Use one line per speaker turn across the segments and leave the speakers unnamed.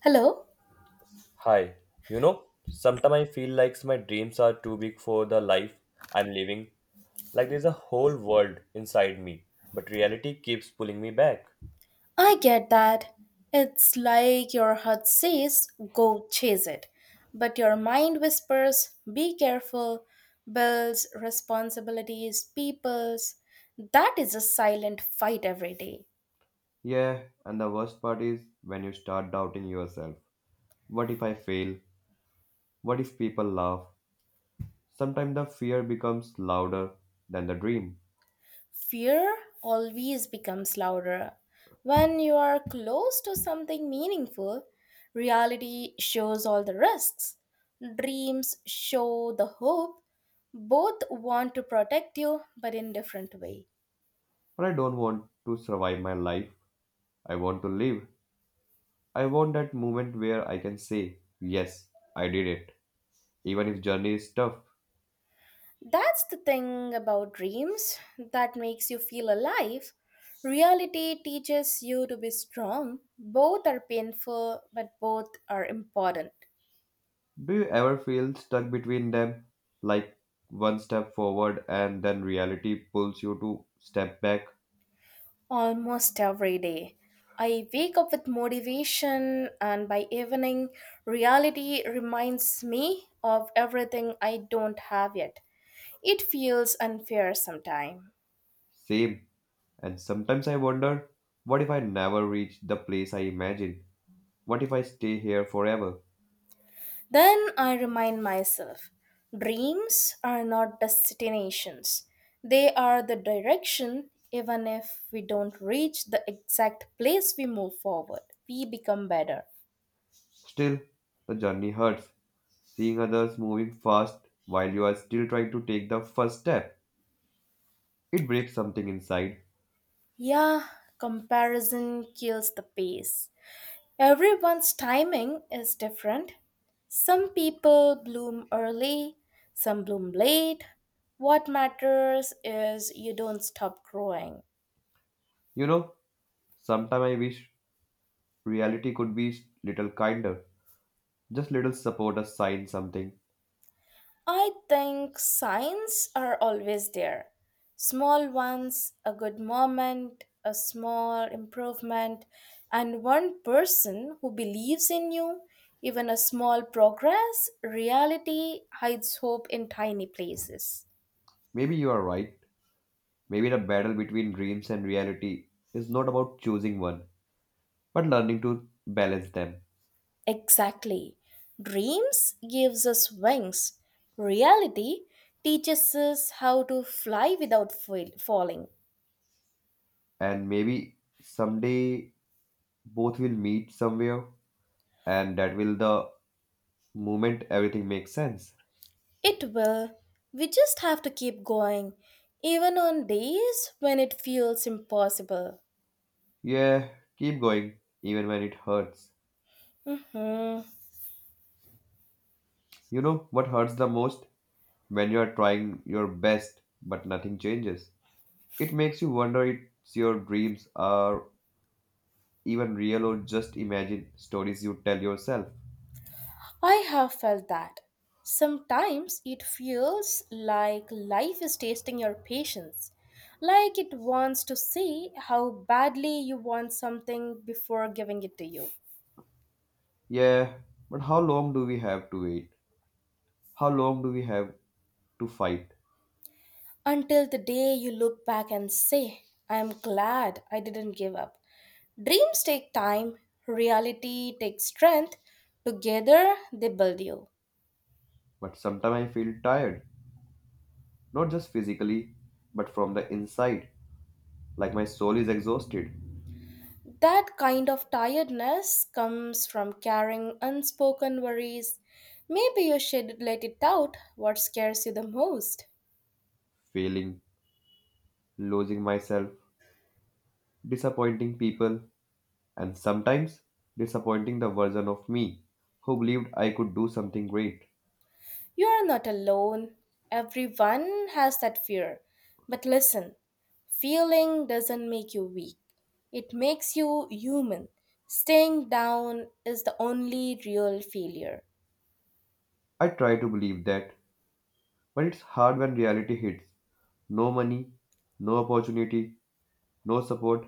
Hello?
Hi, you know, sometimes I feel like my dreams are too big for the life I'm living. Like there's a whole world inside me, but reality keeps pulling me back.
I get that. It's like your heart says, go chase it. But your mind whispers, be careful, bills, responsibilities, peoples. That is a silent fight every day.
Yeah, and the worst part is when you start doubting yourself. What if I fail? What if people laugh? Sometimes the fear becomes louder than the dream.
Fear always becomes louder. When you are close to something meaningful, reality shows all the risks. Dreams show the hope. Both want to protect you, but in different way.
But I don't want to survive my life. I want to live. I want that moment where I can say, yes, I did it, even if journey is tough.
That's the thing about dreams that makes you feel alive. Reality teaches you to be strong. Both are painful, but both are important.
Do you ever feel stuck between them? Like one step forward and then reality pulls you to step back?
Almost every day. I wake up with motivation, and by evening, reality reminds me of everything I don't have yet. It feels unfair sometimes.
Same. And sometimes I wonder, what if I never reach the place I imagine? What if I stay here forever?
Then I remind myself dreams are not destinations, they are the direction. Even if we don't reach the exact place we move forward, we become better.
Still, the journey hurts. Seeing others moving fast while you are still trying to take the first step, it breaks something inside.
Yeah, comparison kills the pace. Everyone's timing is different. Some people bloom early, some bloom late. What matters is you don't stop growing.
You know, sometimes I wish reality could be little kinder. Just little support a sign something.
I think signs are always there. Small ones, a good moment, a small improvement, and one person who believes in you. Even a small progress, reality hides hope in tiny places.
Maybe you are right. Maybe the battle between dreams and reality is not about choosing one, but learning to balance them.
Exactly. Dreams gives us wings. Reality teaches us how to fly without falling.
And maybe someday both will meet somewhere, and that will the moment everything makes sense.
It will. We just have to keep going, even on days when it feels impossible.
Yeah, keep going, even when it hurts.
Hmm.
You know what hurts the most? When you are trying your best, but nothing changes. It makes you wonder if your dreams are even real or just imagine stories you tell yourself.
I have felt that. Sometimes it feels like life is testing your patience, like it wants to see how badly you want something before giving it to you.
Yeah, but how long do we have to wait? How long do we have to fight?
Until the day you look back and say, I am glad I didn't give up. Dreams take time, reality takes strength. Together, they build you.
But sometimes I feel tired, not just physically, but from the inside, like my soul is exhausted,
That kind of tiredness comes from carrying unspoken worries. Maybe you should let it out what scares you the most.
failing, losing myself, disappointing people, and sometimes disappointing the version of me who believed I could do something great.
You are not alone. Everyone has that fear. But listen, feeling doesn't make you weak, it makes you human. Staying down is the only real failure.
I try to believe that, but it's hard when reality hits. No money, no opportunity, no support.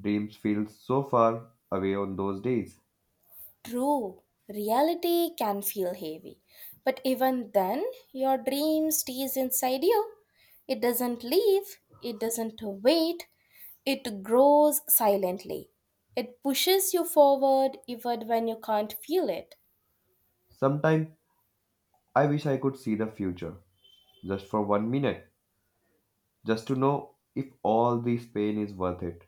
Dreams feel so far away on those days.
True, reality can feel heavy, but even then, your dream stays inside you. It doesn't leave, it doesn't wait, it grows silently. It pushes you forward even when you can't feel it.
Sometimes I wish I could see the future, just for one minute, just to know if all this pain is worth it.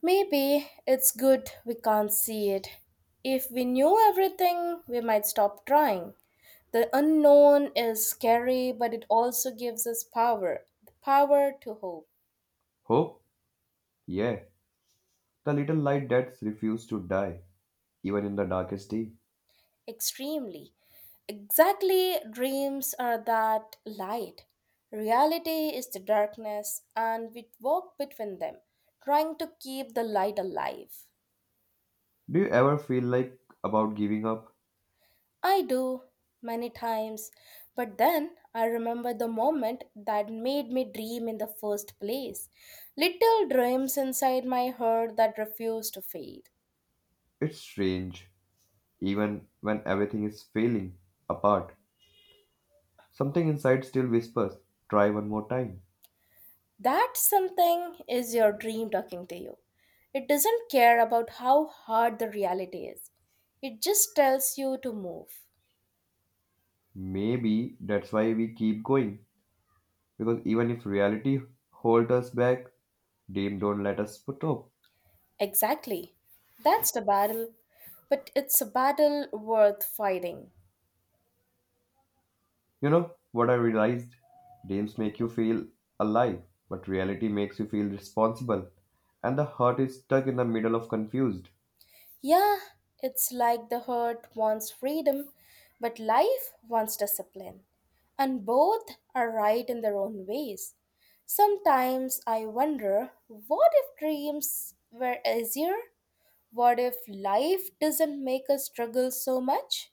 Maybe it's good we can't see it. If we knew everything, we might stop trying. The unknown is scary, but it also gives us power the power to hope.
Hope? Yeah, the little light that's refused to die, even in the darkest day.
Extremely. Exactly, dreams are that light. Reality is the darkness, and we walk between them, trying to keep the light alive.
Do you ever feel like about giving up?
I do many times, but then I remember the moment that made me dream in the first place. Little dreams inside my heart that refuse to fade.
It's strange, even when everything is failing apart. Something inside still whispers, try one more time.
That something is your dream talking to you. It doesn't care about how hard the reality is, it just tells you to move.
Maybe that's why we keep going, because even if reality holds us back, dream don't let us put up.
Exactly. That's the battle, but it's a battle worth fighting.
You know what I realized? Dreams make you feel alive, but reality makes you feel responsible, and the heart is stuck in the middle of confused.
Yeah, it's like the herd wants freedom, but life wants discipline. And both are right in their own ways. Sometimes I wonder what if dreams were easier? What if life doesn't make us struggle so much?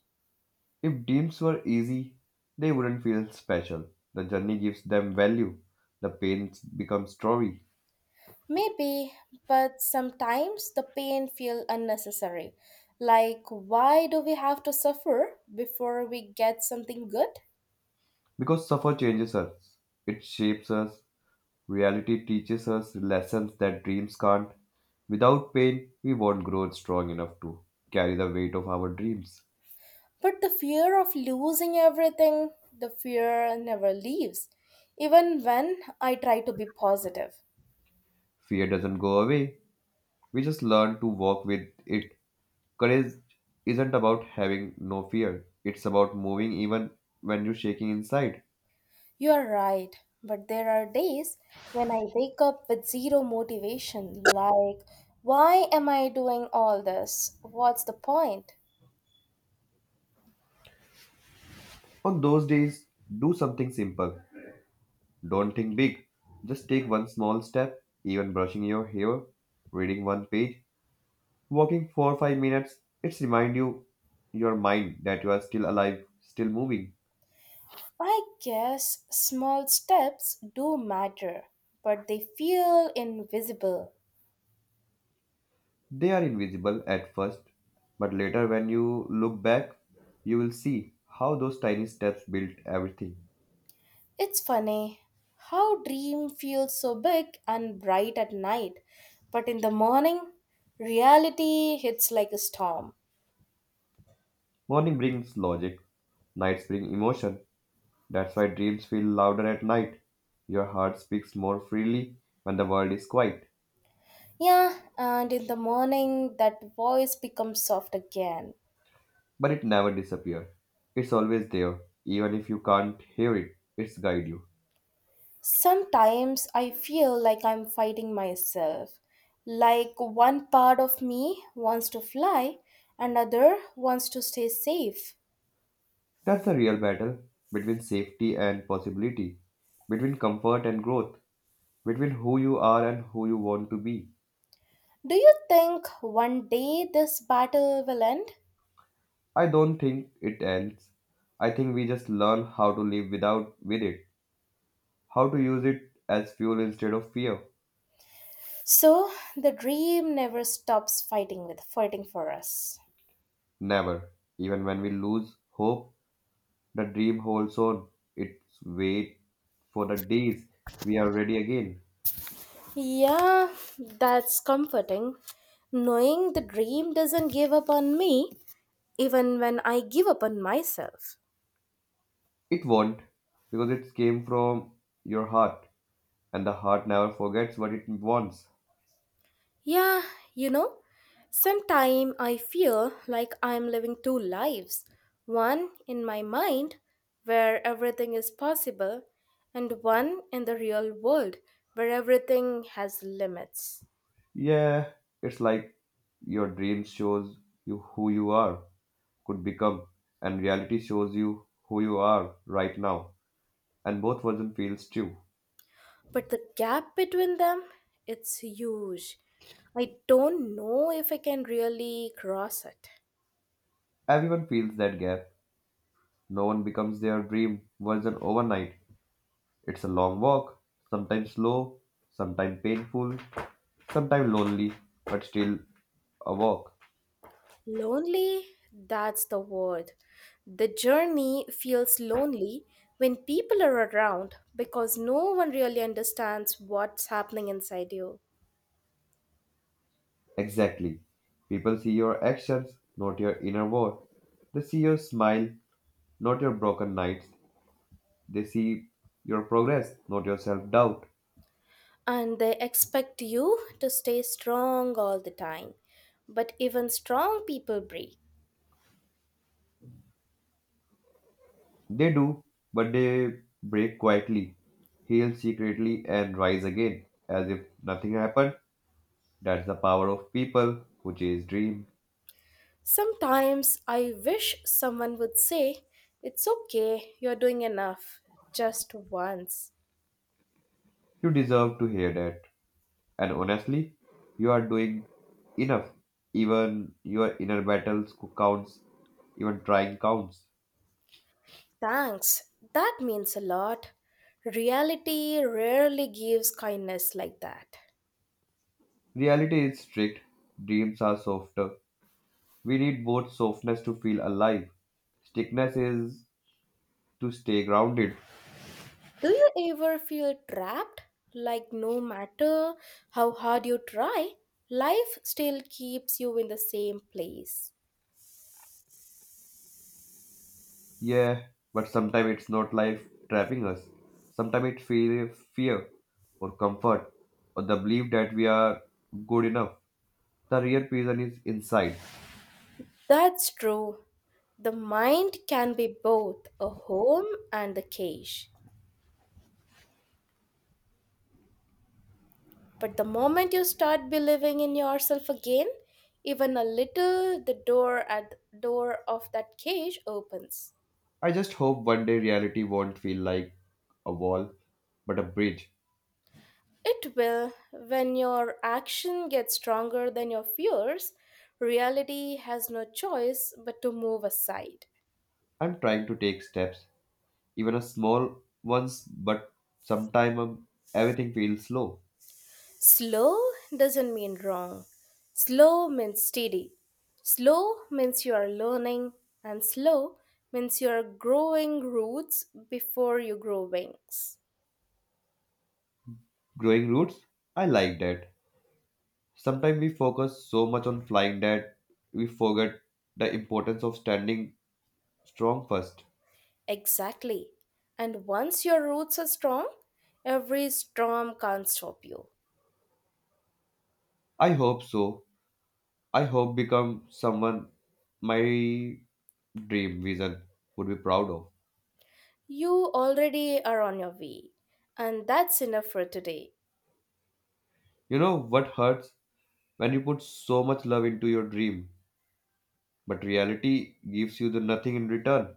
If dreams were easy, they wouldn't feel special. The journey gives them value. The pain becomes story.
Maybe, but sometimes the pain feels unnecessary. Like, why do we have to suffer before we get something good?
Because suffer changes us, it shapes us. Reality teaches us lessons that dreams can't. Without pain, we won't grow strong enough to carry the weight of our dreams.
But the fear of losing everything, the fear never leaves, even when I try to be positive.
Fear doesn't go away, we just learn to walk with it. Courage isn't about having no fear, it's about moving even when you're shaking inside.
You are right, but there are days when I wake up with zero motivation, like, why am I doing all this? What's the point?
On those days, do something simple. Don't think big. Just take one small step, even brushing your hair, reading one page, walking 4 or 5 minutes. It's remind you your mind that you are still alive, still moving.
I guess small steps do matter, but they feel invisible.
They are invisible at first, but later when you look back, you will see how those tiny steps built everything.
It's funny how dream feels so big and bright at night, but in the morning, reality hits like a storm.
Morning brings logic, nights bring emotion. That's why dreams feel louder at night. Your heart speaks more freely when the world is quiet,
Yeah, and in the morning, that voice becomes soft again.
but it never disappears. It's always there, even if you can't hear it, it's guide you.
Sometimes I feel like I'm fighting myself. Like one part of me wants to fly, another wants to stay safe.
That's the real battle between safety and possibility, between comfort and growth, between who you are and who you want to be.
Do you think one day this battle will end?
I don't think it ends. I think we just learn how to live without with it, how to use it as fuel instead of fear.
So the dream never stops fighting for us.
Never. Even when we lose hope, the dream holds on. It's wait for the days we are ready again.
Yeah, that's comforting. Knowing the dream doesn't give up on me even when I give up on myself.
It won't, because it came from your heart, and the heart never forgets what it wants.
Yeah, you know, sometimes I feel like I'm living two lives. One in my mind, where everything is possible, and one in the real world, where everything has limits.
Yeah, it's like your dream shows you who you are, could become, and reality shows you who you are right now, and both version feels true.
But the gap between them, it's huge. I don't know if I can really cross it.
Everyone feels that gap. No one becomes their dream version overnight. It's a long walk, sometimes slow, sometimes painful, sometimes lonely, but still a walk.
Lonely, that's the word. The journey feels lonely when people are around because no one really understands what's happening inside you.
Exactly. People see your actions, not your inner world. They see your smile, not your broken nights. They see your progress, not your self doubt.
And they expect you to stay strong all the time. But even strong people break.
They do, but they break quietly, heal secretly, and rise again as if nothing happened. That's the power of people who chase dream.
Sometimes I wish someone would say, it's okay, you're doing enough, just once.
You deserve to hear that. And honestly, you are doing enough. Even your inner battles counts, even trying counts.
Thanks, that means a lot. Reality rarely gives kindness like that.
Reality is strict, dreams are softer. We need both softness to feel alive. Stickness is to stay grounded.
Do you ever feel trapped? Like, no matter how hard you try, life still keeps you in the same place.
Yeah, but sometimes it's not life trapping us. Sometimes it feels fear or comfort or the belief that we are good enough. The real prison is inside.
That's true. The mind can be both a home and a cage. But the moment you start believing in yourself again, even a little, the door of that cage opens.
I just hope one day reality won't feel like a wall, but a bridge.
It will when your action gets stronger than your fears. Reality has no choice but to move aside.
I'm trying to take steps, even a small ones, but sometimes everything feels slow.
Slow doesn't mean wrong. Slow means steady. Slow means you are learning, and slow means you are growing roots before you grow wings.
Growing roots, I like that. Sometimes we focus so much on flying that we forget the importance of standing strong first.
Exactly. And once your roots are strong, every storm can't stop you.
I hope so. I hope become someone my dream vision would be proud of.
You already are on your way. And that's enough for today.
You know what hurts? When you put so much love into your dream, but reality gives you the nothing in return,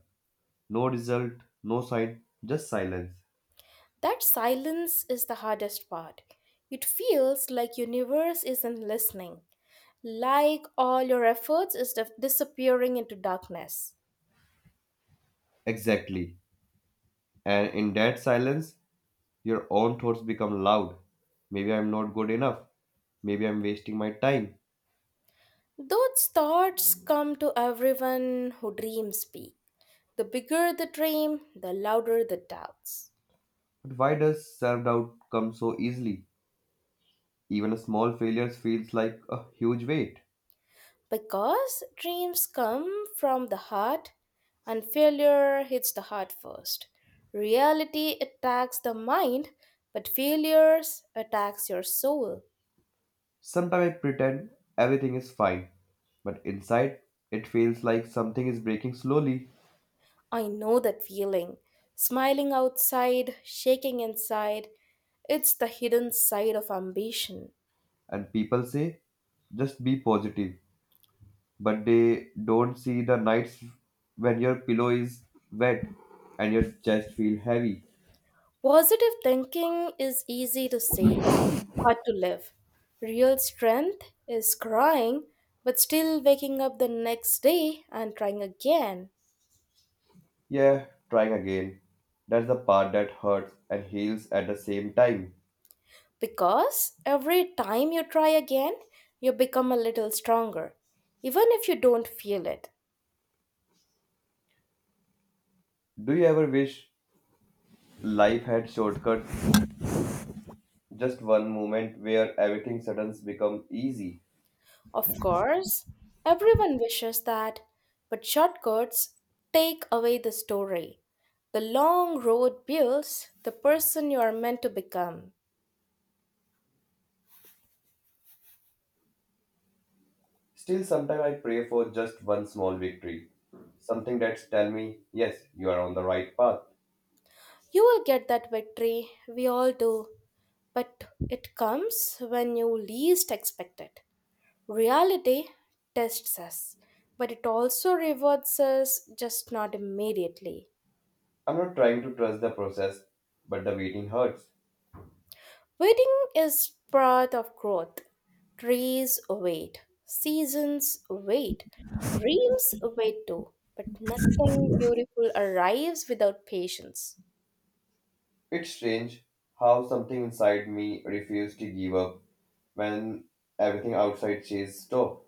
no result, no sign, just silence.
That silence is the hardest part. It feels like universe isn't listening. Like all your efforts is disappearing into darkness.
Exactly. And in that silence, your own thoughts become loud. Maybe I'm not good enough. Maybe I'm wasting my time.
Those thoughts come to everyone who dreams big. The bigger the dream, the louder the doubts.
But why does self doubt come so easily? Even a small failure feels like a huge weight.
Because dreams come from the heart and failure hits the heart first. Reality attacks the mind, but failures attacks your soul.
Sometimes I pretend everything is fine, but inside it feels like something is breaking slowly.
I know that feeling. Smiling outside, shaking inside, it's the hidden side of ambition.
And people say just be positive, but they don't see the nights when your pillow is wet and your chest feel heavy.
Positive thinking is easy to say, hard to live. Real strength is crying, but still waking up the next day and trying again.
Yeah, trying again, that's the part that hurts and heals at the same time.
Because every time you try again, you become a little stronger, even if you don't feel it.
Do you ever wish life had shortcuts, just one moment where everything suddenly becomes easy?
Of course, everyone wishes that, but shortcuts take away the story. The long road builds the person you are meant to become.
Still sometimes I pray for just one small victory, something that's tell me yes you are on the right path.
You will get that victory, we all do, but it comes when you least expect it. Reality tests us, but it also rewards us, just not immediately.
I'm not trying to trust the process, but the waiting hurts.
Waiting is part of growth. Trees wait, seasons wait, dreams wait too, but nothing beautiful arrives without patience.
It's strange how something inside me refused to give up when everything outside says stop.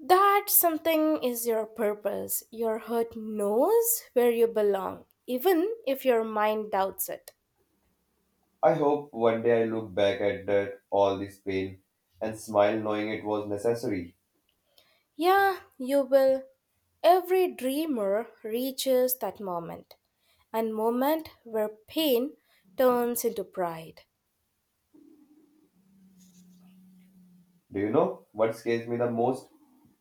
That something is your purpose. Your heart knows where you belong, even if your mind doubts it.
I hope one day I look back at that, all this pain and smile knowing it was necessary.
Yeah, you will. Every dreamer reaches that moment, and moment where pain turns into pride.
Do you know what scares me the most?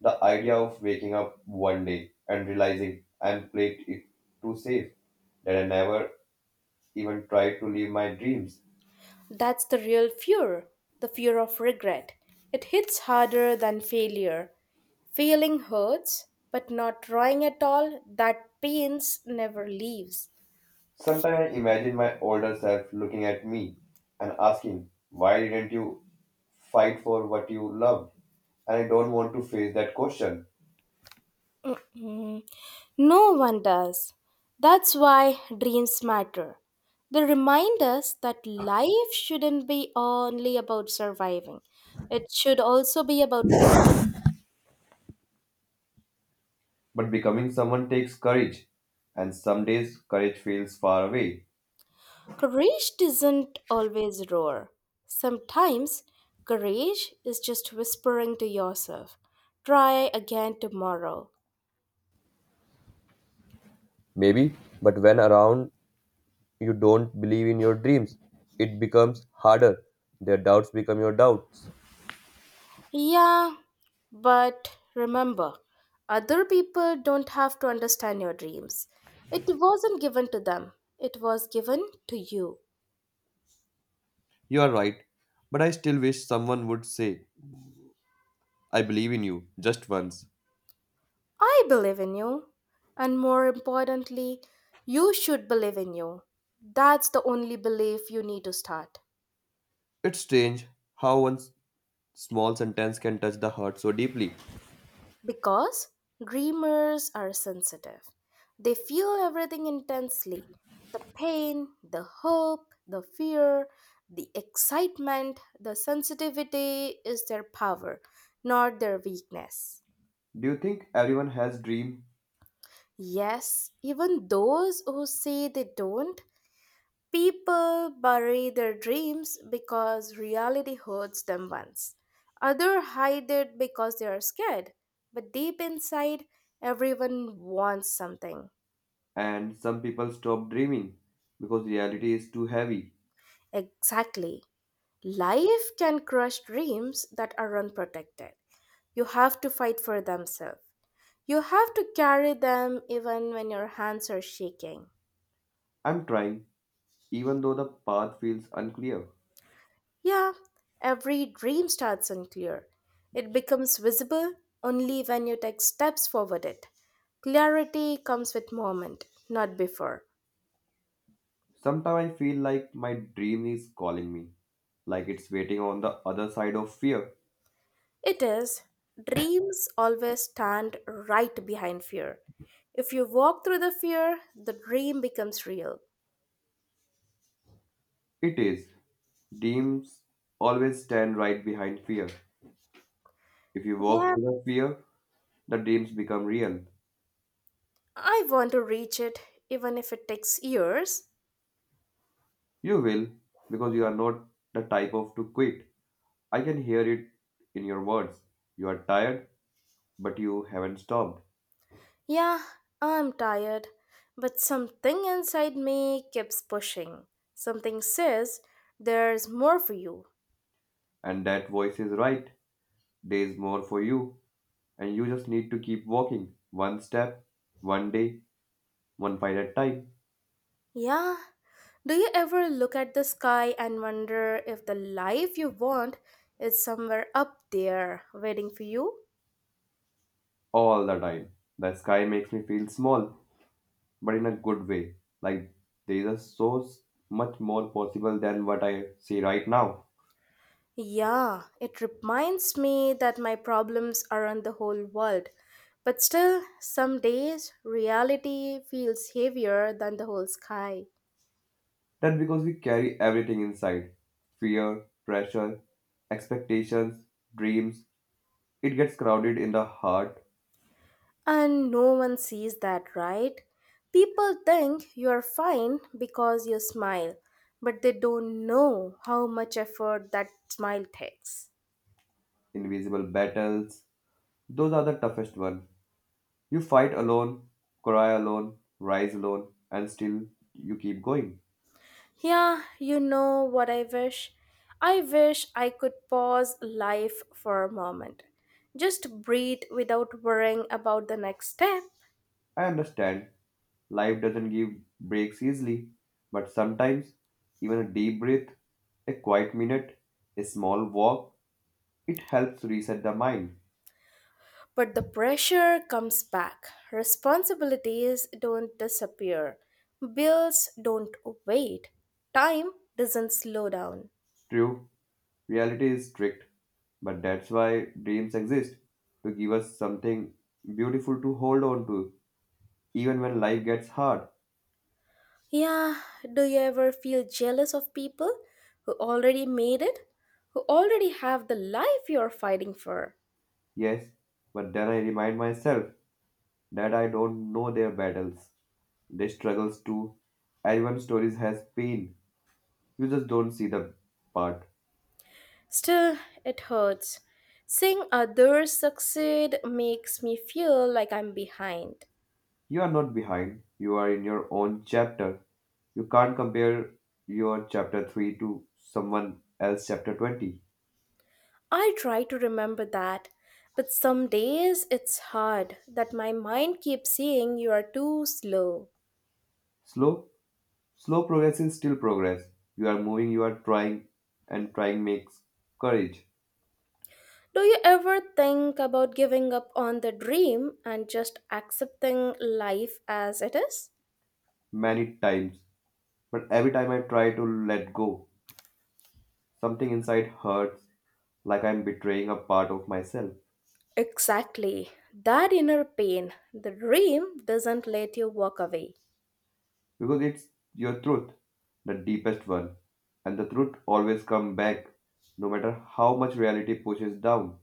The idea of waking up one day and realizing I'm played it too safe, that I never even tried to live my dreams.
That's the real fear, the fear of regret. It hits harder than failure. Failing hurts, but not trying at all, that pains never leaves.
Sometimes I imagine my older self looking at me and asking, why didn't you fight for what you loved? And I don't want to face that question.
Mm, no one does. That's why dreams matter. They remind us that life shouldn't be only about surviving. It should also be about becoming.
But becoming someone takes courage, and some days courage feels far away.
Courage doesn't always roar. Sometimes courage is just whispering to yourself, try again tomorrow.
Maybe, but when around you don't believe in your dreams, it becomes harder. Their doubts become your doubts.
Yeah, but remember, other people don't have to understand your dreams. It wasn't given to them, it was given to you.
You are right, but I still wish someone would say, I believe in you, just once.
I believe in you. And more importantly, you should believe in you. That's the only belief you need to start.
It's strange how one small sentence can touch the heart so deeply.
Because dreamers are sensitive. They feel everything intensely the pain, the hope, the fear, the excitement, the sensitivity is their power, not their weakness.
Do you think everyone has dream
Yes, even those who say they don't, people bury their dreams because reality hurts them once. Others hide it because they are scared, but deep inside, everyone wants something.
and some people stop dreaming because reality is too heavy?
Exactly. Life can crush dreams that are unprotected. You have to fight for themselves. You have to carry them even when your hands are shaking.
I'm trying, even though the path feels unclear.
Yeah, every dream starts unclear. It becomes visible only when you take steps forward it. Clarity comes with moment, not before.
Sometimes I feel like my dream is calling me, like it's waiting on the other side of fear.
It is, dreams always stand right behind fear. If you walk through the fear, the dream becomes real.
It is. Dreams always stand right behind fear. If you walk
Yeah,
through the fear, the dreams become real.
I want to reach it, even if it takes years.
You will, because you are not the type of to quit. I can hear it in your words. You are tired, but you haven't stopped.
Yeah, I'm tired, but something inside me keeps pushing. Something says, there's more for you.
And that voice is right. There's more for you, and you just need to keep walking, one step, one day, one fight at a time,
Yeah. Do you ever look at the sky and wonder if the life you want is somewhere up there waiting for you?
all the time. The sky makes me feel small, but in a good way. Like there is so much more possible than what I see right now.
Yeah, it reminds me that my problems aren't the whole world. But still, some days reality feels heavier than the whole sky.
That's because we carry everything inside fear, pressure, expectations, dreams. It gets crowded in the heart
And no one sees that, right? People think you're fine because you smile, but they don't know how much effort that smile takes.
invisible battles. Those are the toughest one. You fight alone, cry alone, rise alone, and still you keep going.
Yeah, you know what I wish? I wish I could pause life for a moment. Just breathe without worrying about the next step.
I understand life doesn't give breaks easily, but sometimes even a deep breath, a quiet minute, a small walk, it helps reset the mind.
But the pressure comes back. Responsibilities don't disappear. Bills don't wait. Time doesn't slow down.
True, reality is strict, but that's why dreams exist to give us something beautiful to hold on to, even when life gets hard.
Yeah, do you ever feel jealous of people who already made it? Who already have the life you're fighting for?
Yes, but then I remind myself that I don't know their battles, their struggles too. Everyone's stories has pain. You just don't see the part.
Still, it hurts. Seeing others succeed makes me feel like I'm behind.
You are not behind. You are in your own chapter. You can't compare your chapter 3 to someone else chapter 20.
I try to remember that, but some days it's hard that my mind keeps saying you are too slow.
Slow, slow progress is still progress. You are moving, you are trying, and trying makes courage
Do you ever think about giving up on the dream and just accepting life as it is?
many times. But every time I try to let go, something inside hurts, like I'm betraying a part of myself.
Exactly. That inner pain, the dream doesn't let you walk away.
Because it's your truth, the deepest one. And the truth always comes back, no matter how much reality pushes down.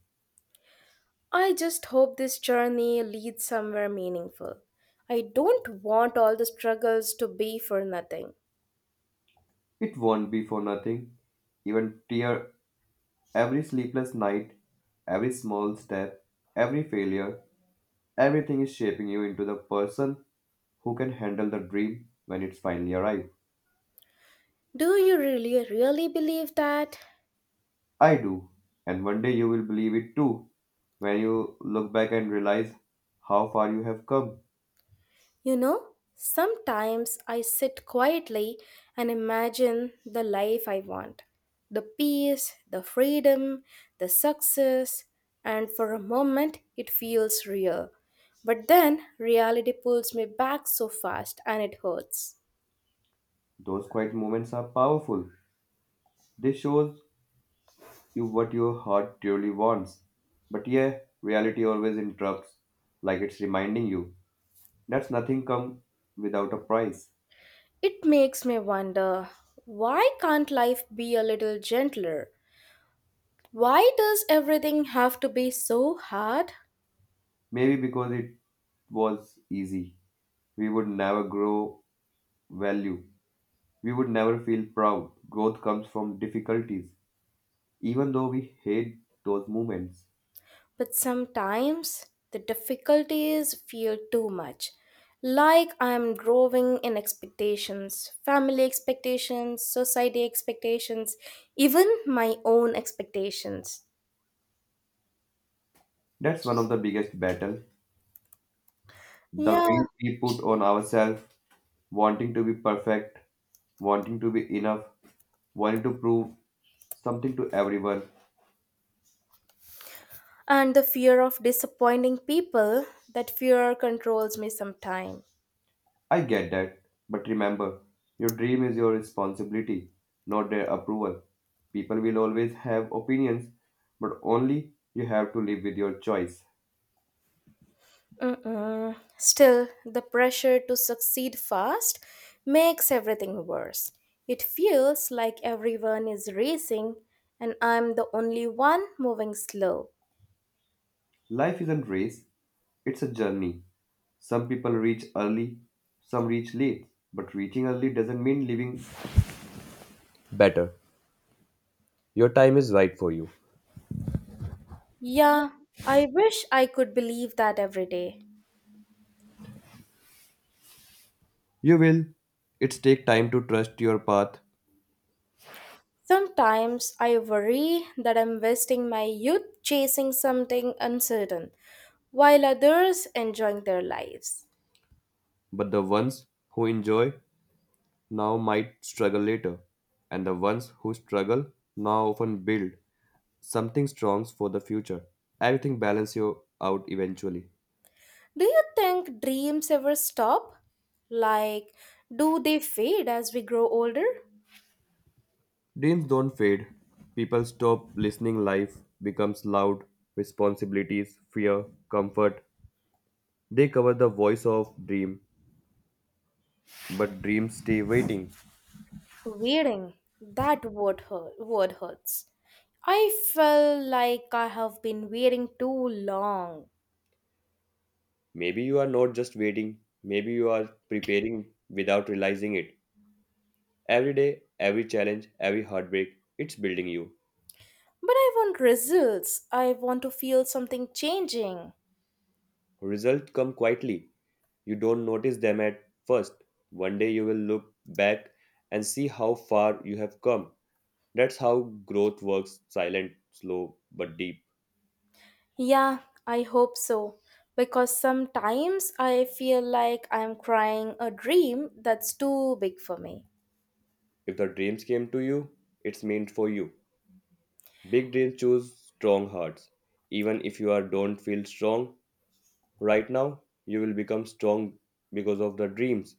I just hope this journey leads somewhere meaningful. I don't want all the struggles to be for nothing.
It won't be for nothing. Even tear every sleepless night, every small step, every failure, everything is shaping you into the person who can handle the dream when it's finally arrived.
Do you really, really believe that?
I do. And one day you will believe it too. When you look back and realize how far you have come,
You know, sometimes I sit quietly and imagine the life I want the peace, the freedom, the success, and for a moment it feels real. But then reality pulls me back so fast and it hurts.
those quiet moments are powerful. They shows you what your heart truly wants. But yeah, reality always interrupts, like it's reminding you that's nothing come without a price.
It makes me wonder why can't life be a little gentler? Why does everything have to be so hard?
Maybe because it was easy, we would never grow value. We would never feel proud. Growth comes from difficulties, even though we hate those moments.
But sometimes the difficulties feel too much. Like I am growing in expectations, family expectations, society expectations, even my own expectations.
That's one of the biggest battle. The
Yeah,
weight we put on ourselves, wanting to be perfect, wanting to be enough, wanting to prove something to everyone.
and the fear of disappointing people, that fear controls me sometimes.
I get that, but remember, your dream is your responsibility, not their approval. People will always have opinions, but only you have to live with your choice.
Mm-mm. Still, the pressure to succeed fast makes everything worse. It feels like everyone is racing and I'm the only one moving slow.
Life isn't race, it's a journey. Some people reach early, some reach late, but reaching early doesn't mean living better. Your time is right for you.
Yeah, I wish I could believe that every day.
You will. It's take time to trust your path,
Sometimes I worry that I'm wasting my youth chasing something uncertain, while others enjoying their lives.
but the ones who enjoy now might struggle later, and the ones who struggle now often build something strong for the future. Everything balance you out eventually.
Do you think dreams ever stop? Like, do they fade as we grow older?
Dreams don't fade. People stop listening. Life becomes loud. Responsibilities, fear, comfort. They cover the voice of dream, but dreams stay waiting.
Wearing, that word, hurt, word hurts. I feel like I have been waiting too long.
Maybe you are not just waiting, maybe you are preparing without realizing it. Every day, every challenge, every heartbreak, it's building you.
But I want results. I want to feel something changing.
Results come quietly. You don't notice them at first. One day you will look back and see how far you have come. That's how growth works silent, slow, but deep.
Yeah, I hope so. Because sometimes I feel like I'm crying a dream that's too big for me.
If the dreams came to you, it's meant for you. Big dreams choose strong hearts. Even if you are don't feel strong, right now, you will become strong because of the dreams.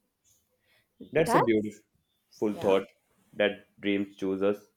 That's a
That,
beautiful
yeah.
thought that dreams choose us.